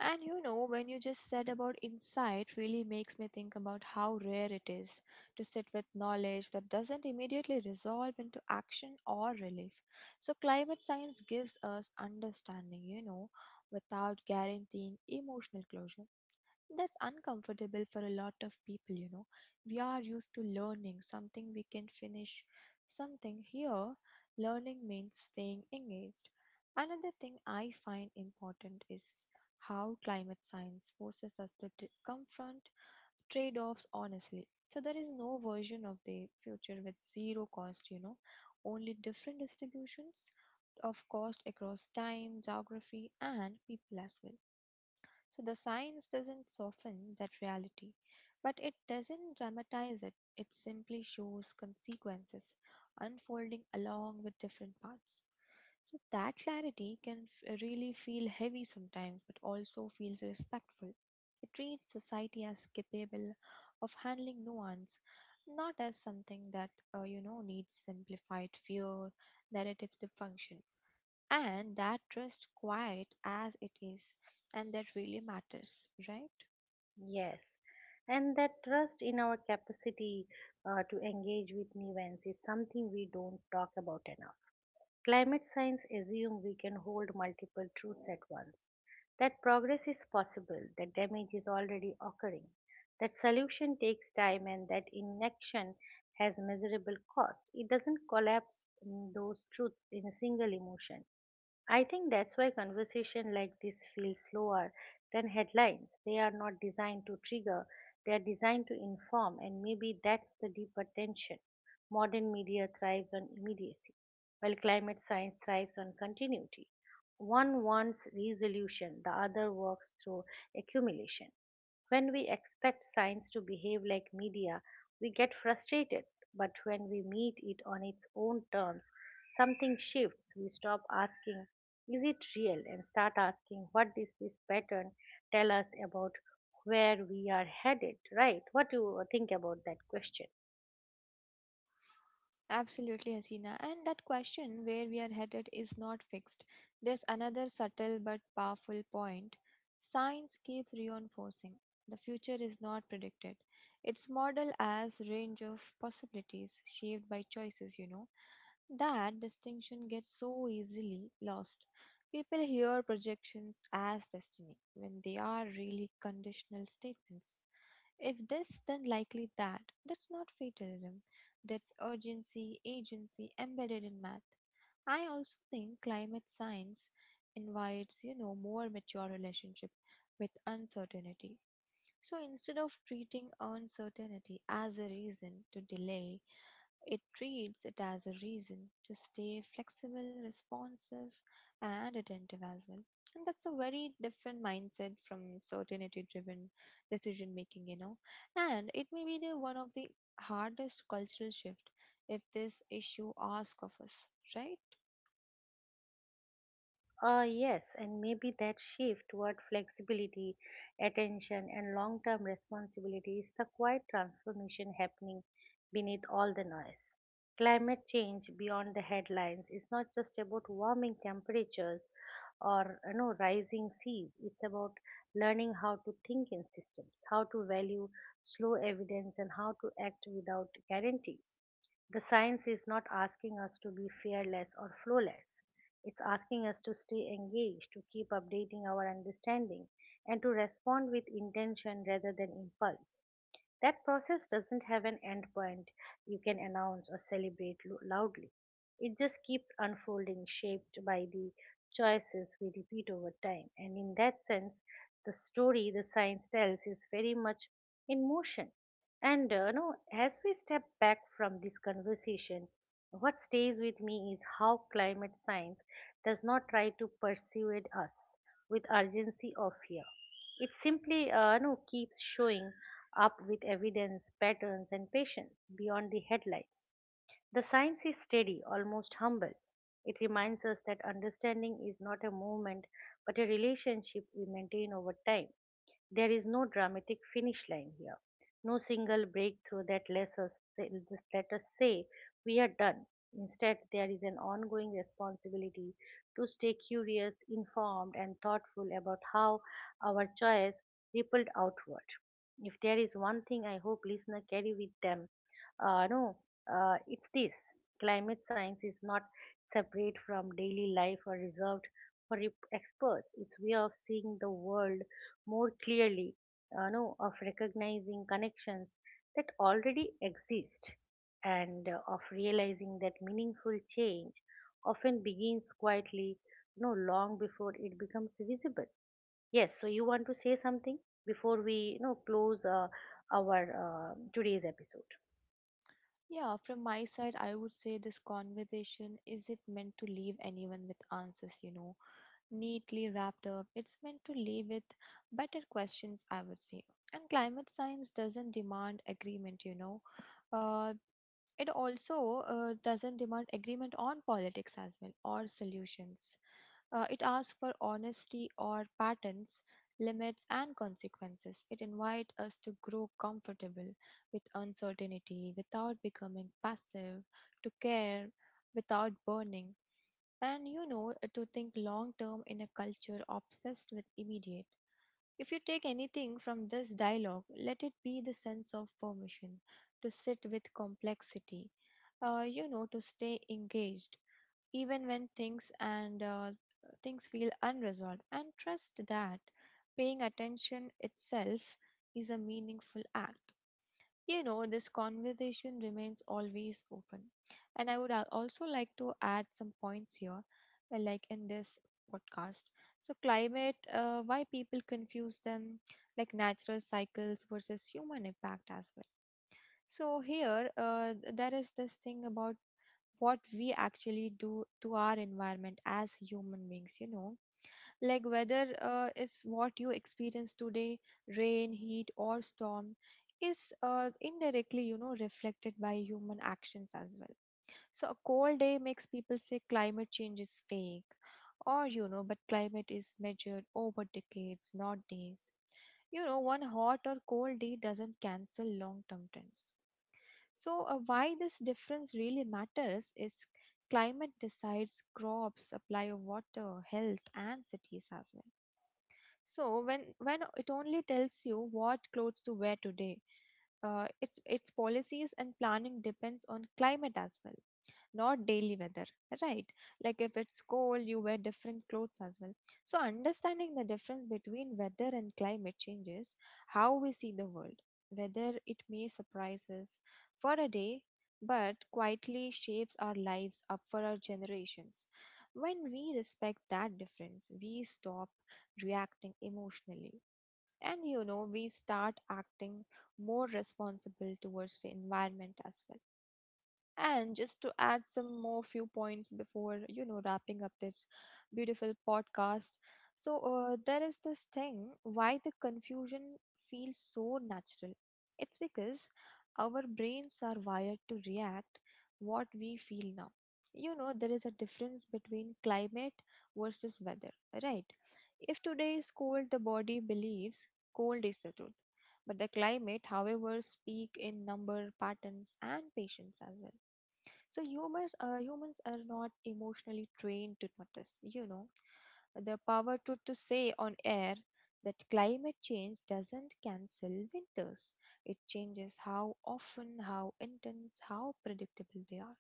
And when you just said about insight, really makes me think about how rare it is to sit with knowledge that doesn't immediately resolve into action or relief. So, climate science gives us understanding, without guaranteeing emotional closure. That's uncomfortable for a lot of people. We are used to learning something we can finish, something here. Learning means staying engaged. Another thing I find important is how climate science forces us to confront trade offs honestly. So, there is no version of the future with zero cost, only different distributions of cost across time, geography, and people as well. So the science doesn't soften that reality, but it doesn't dramatize it. It simply shows consequences unfolding along with different paths. So that clarity can really feel heavy sometimes, but also feels respectful. It treats society as capable of handling nuance, not as something that, needs simplified fear narratives to function, and that trust, quiet as it is, and that really matters, right?
Yes, and that trust in our capacity to engage with new events is something we don't talk about enough. Climate science assumes we can hold multiple truths at once, that progress is possible, that damage is already occurring, that solution takes time, and that inaction has measurable cost. It doesn't collapse those truths in a single emotion. I think that's why conversation like this feel slower than headlines. They are not designed to trigger, they are designed to inform, and maybe that's the deeper tension. Modern media thrives on immediacy, while climate science thrives on continuity. One wants resolution, the other works through accumulation. When we expect science to behave like media, we get frustrated. But when we meet it on its own terms, something shifts. We stop asking, is it real? And start asking, what does this pattern tell us about where we are headed? Right? What do you think about that question?
Absolutely, Hasina, and that question, where we are headed, is not fixed. There's another subtle but powerful point science keeps reinforcing. The future is not predicted, it's modeled as range of possibilities shaped by choices. That distinction gets so easily lost. People hear projections as destiny when they are really conditional statements. If this, then likely that. That's not fatalism. That's urgency, agency embedded in math. I also think climate science invites, more mature relationship with uncertainty. So instead of treating uncertainty as a reason to delay, it treats it as a reason to stay flexible, responsive, and attentive as well. And that's a very different mindset from certainty driven decision making. And it may be the one of the hardest cultural shift if this issue asks of us, right?
Yes, and maybe that shift toward flexibility, attention, and long term responsibility is the quiet transformation happening beneath all the noise. Climate change beyond the headlines is not just about warming temperatures or rising seas, it's about learning how to think in systems, how to value slow evidence, and how to act without guarantees. The science is not asking us to be fearless or flawless. It's asking us to stay engaged, to keep updating our understanding, and to respond with intention rather than impulse. That process doesn't have an end point you can announce or celebrate loudly. It just keeps unfolding, shaped by the choices we repeat over time. And in that sense, the story the science tells is very much in motion. And no, as we step back from this conversation, what stays with me is how climate science does not try to persuade us with urgency or fear. It simply no, keeps showing up with evidence, patterns, and patience beyond the headlines. The science is steady, almost humble. It reminds us that understanding is not a movement but a relationship we maintain over time. There is no dramatic finish line here, no single breakthrough that lets us say, let us say we are done. Instead, there is an ongoing responsibility to stay curious, informed, and thoughtful about how our choice rippled outward. If there is one thing I hope listeners carry with them, no, it's this: climate science is not separate from daily life or reserved for experts. It's way of seeing the world more clearly, know, of recognizing connections that already exist and of realizing that meaningful change often begins quietly, long before it becomes visible. Yes, so you want to say something before we close our today's episode.
Yeah, from my side, I would say this conversation is it meant to leave anyone with answers, neatly wrapped up. It's meant to leave with better questions, I would say. And climate science doesn't demand agreement. Uh, it also doesn't demand agreement on politics as well, or solutions. It asks for honesty or patterns, limits, and consequences. It invites us to grow comfortable with uncertainty without becoming passive, to care without burning. And to think long term in a culture obsessed with immediate. If you take anything from this dialogue, let it be the sense of permission to sit with complexity, to stay engaged, even when things and things feel unresolved, and trust that paying attention itself is a meaningful act. This conversation remains always open. And I would also like to add some points here, like in this podcast. So, climate, why people confuse them, like natural cycles versus human impact as well. So, here, there is this thing about what we actually do to our environment as human beings, like weather is what you experience today, rain, heat, or storm, is indirectly reflected by human actions as well. So a cold day makes people say climate change is fake, or but climate is measured over decades, not days. One hot or cold day doesn't cancel long term trends. So why this difference really matters is, climate decides crops, supply of water, health, and cities as well. So, when it only tells you what clothes to wear today, its policies and planning depends on climate as well, not daily weather, right? Like if it's cold you wear different clothes as well. So understanding the difference between weather and climate changes how we see the world, whether it may surprise us for a day, but quietly shapes our lives up for our generations. When we respect that difference, we stop reacting emotionally, and we start acting more responsible towards the environment as well. And just to add some more few points before, wrapping up this beautiful podcast. So, there is this thing why the confusion feels so natural. It's because our brains are wired to react what we feel now. There is a difference between climate versus weather, right? If today is cold, the body believes cold is the truth. But the climate, however, speak in number patterns and patience as well. So humans, humans are not emotionally trained to notice. The power to say on air that climate change doesn't cancel winters. It changes how often, how intense, how predictable they are.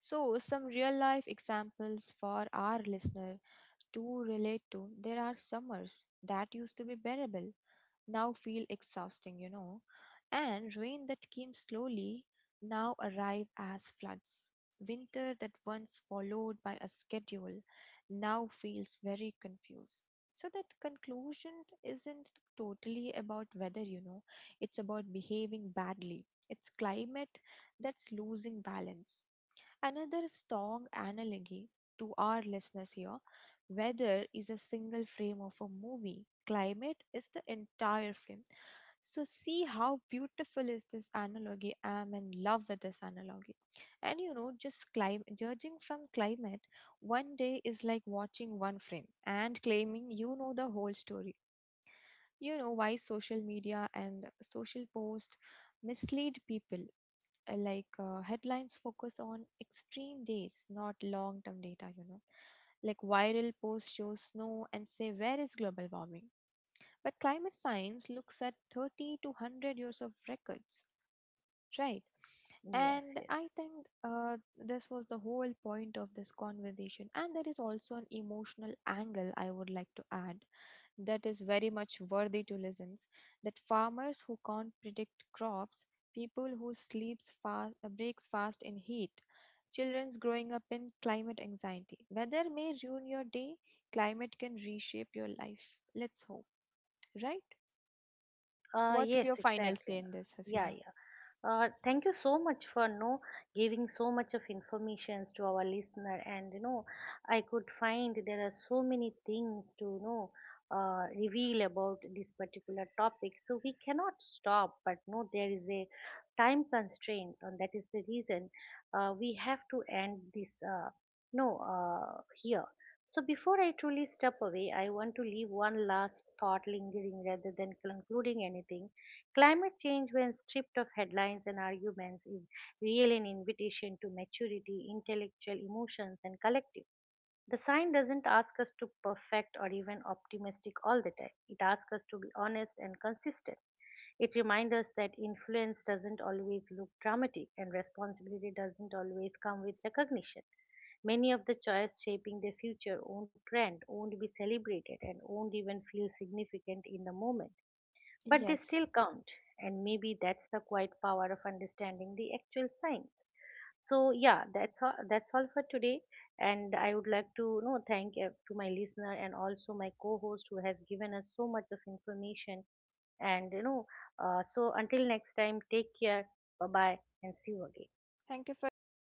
So, some real life examples for our listener to relate to. There are summers that used to be bearable, now feel exhausting, and rain that came slowly now arrive as floods. Winter that once followed by a schedule now feels very confused. So, that conclusion isn't totally about weather, it's about behaving badly. It's climate that's losing balance. Another strong analogy to our listeners here, weather is a single frame of a movie, climate is the entire frame. So, see how beautiful is this analogy. I'm in love with this analogy. And just judging from climate, one day is like watching one frame and claiming you know the whole story. Why social media and social posts mislead people, like headlines focus on extreme days, not long term data. Like viral posts show snow and say, "Where is global warming?" But climate science looks at 30 to 100 years of records, right?
Yes,
And
yes.
I think this was the whole point of this conversation. And there is also an emotional angle I would like to add, that is very much worthy to listen, that farmers who can't predict crops, people who sleeps fast breaks fast in heat, children's growing up in climate anxiety. Weather may ruin your day, climate can reshape your life. Let's hope, right?
Uh,
What's
yes,
your final say
exactly.
in this,
Yeah,
Hasina?
yeah. Thank you so much for no giving so much of informations to our listener, and you know, I could find there are so many things to reveal about this particular topic, so we cannot stop but no there is a time constraints, and that is the reason we have to end this no here. So before I truly step away, I want to leave one last thought lingering rather than concluding anything. Climate change, when stripped of headlines and arguments, is really an invitation to maturity, intellectual emotions, and collective. The sign doesn't ask us to perfect or even optimistic all the time. It asks us to be honest and consistent. It reminds us that influence doesn't always look dramatic and responsibility doesn't always come with recognition. Many of the choices shaping the future won't trend, won't be celebrated, and won't even feel significant in the moment, but they
Yes.
still count, and maybe that's the quiet power of understanding the actual sign. So yeah, that's all for today, and I would like to you know thank to my listener and also my co-host who has given us so much of information. And you know, so until next time, take care, bye bye, and see you again.
Thank you for listening.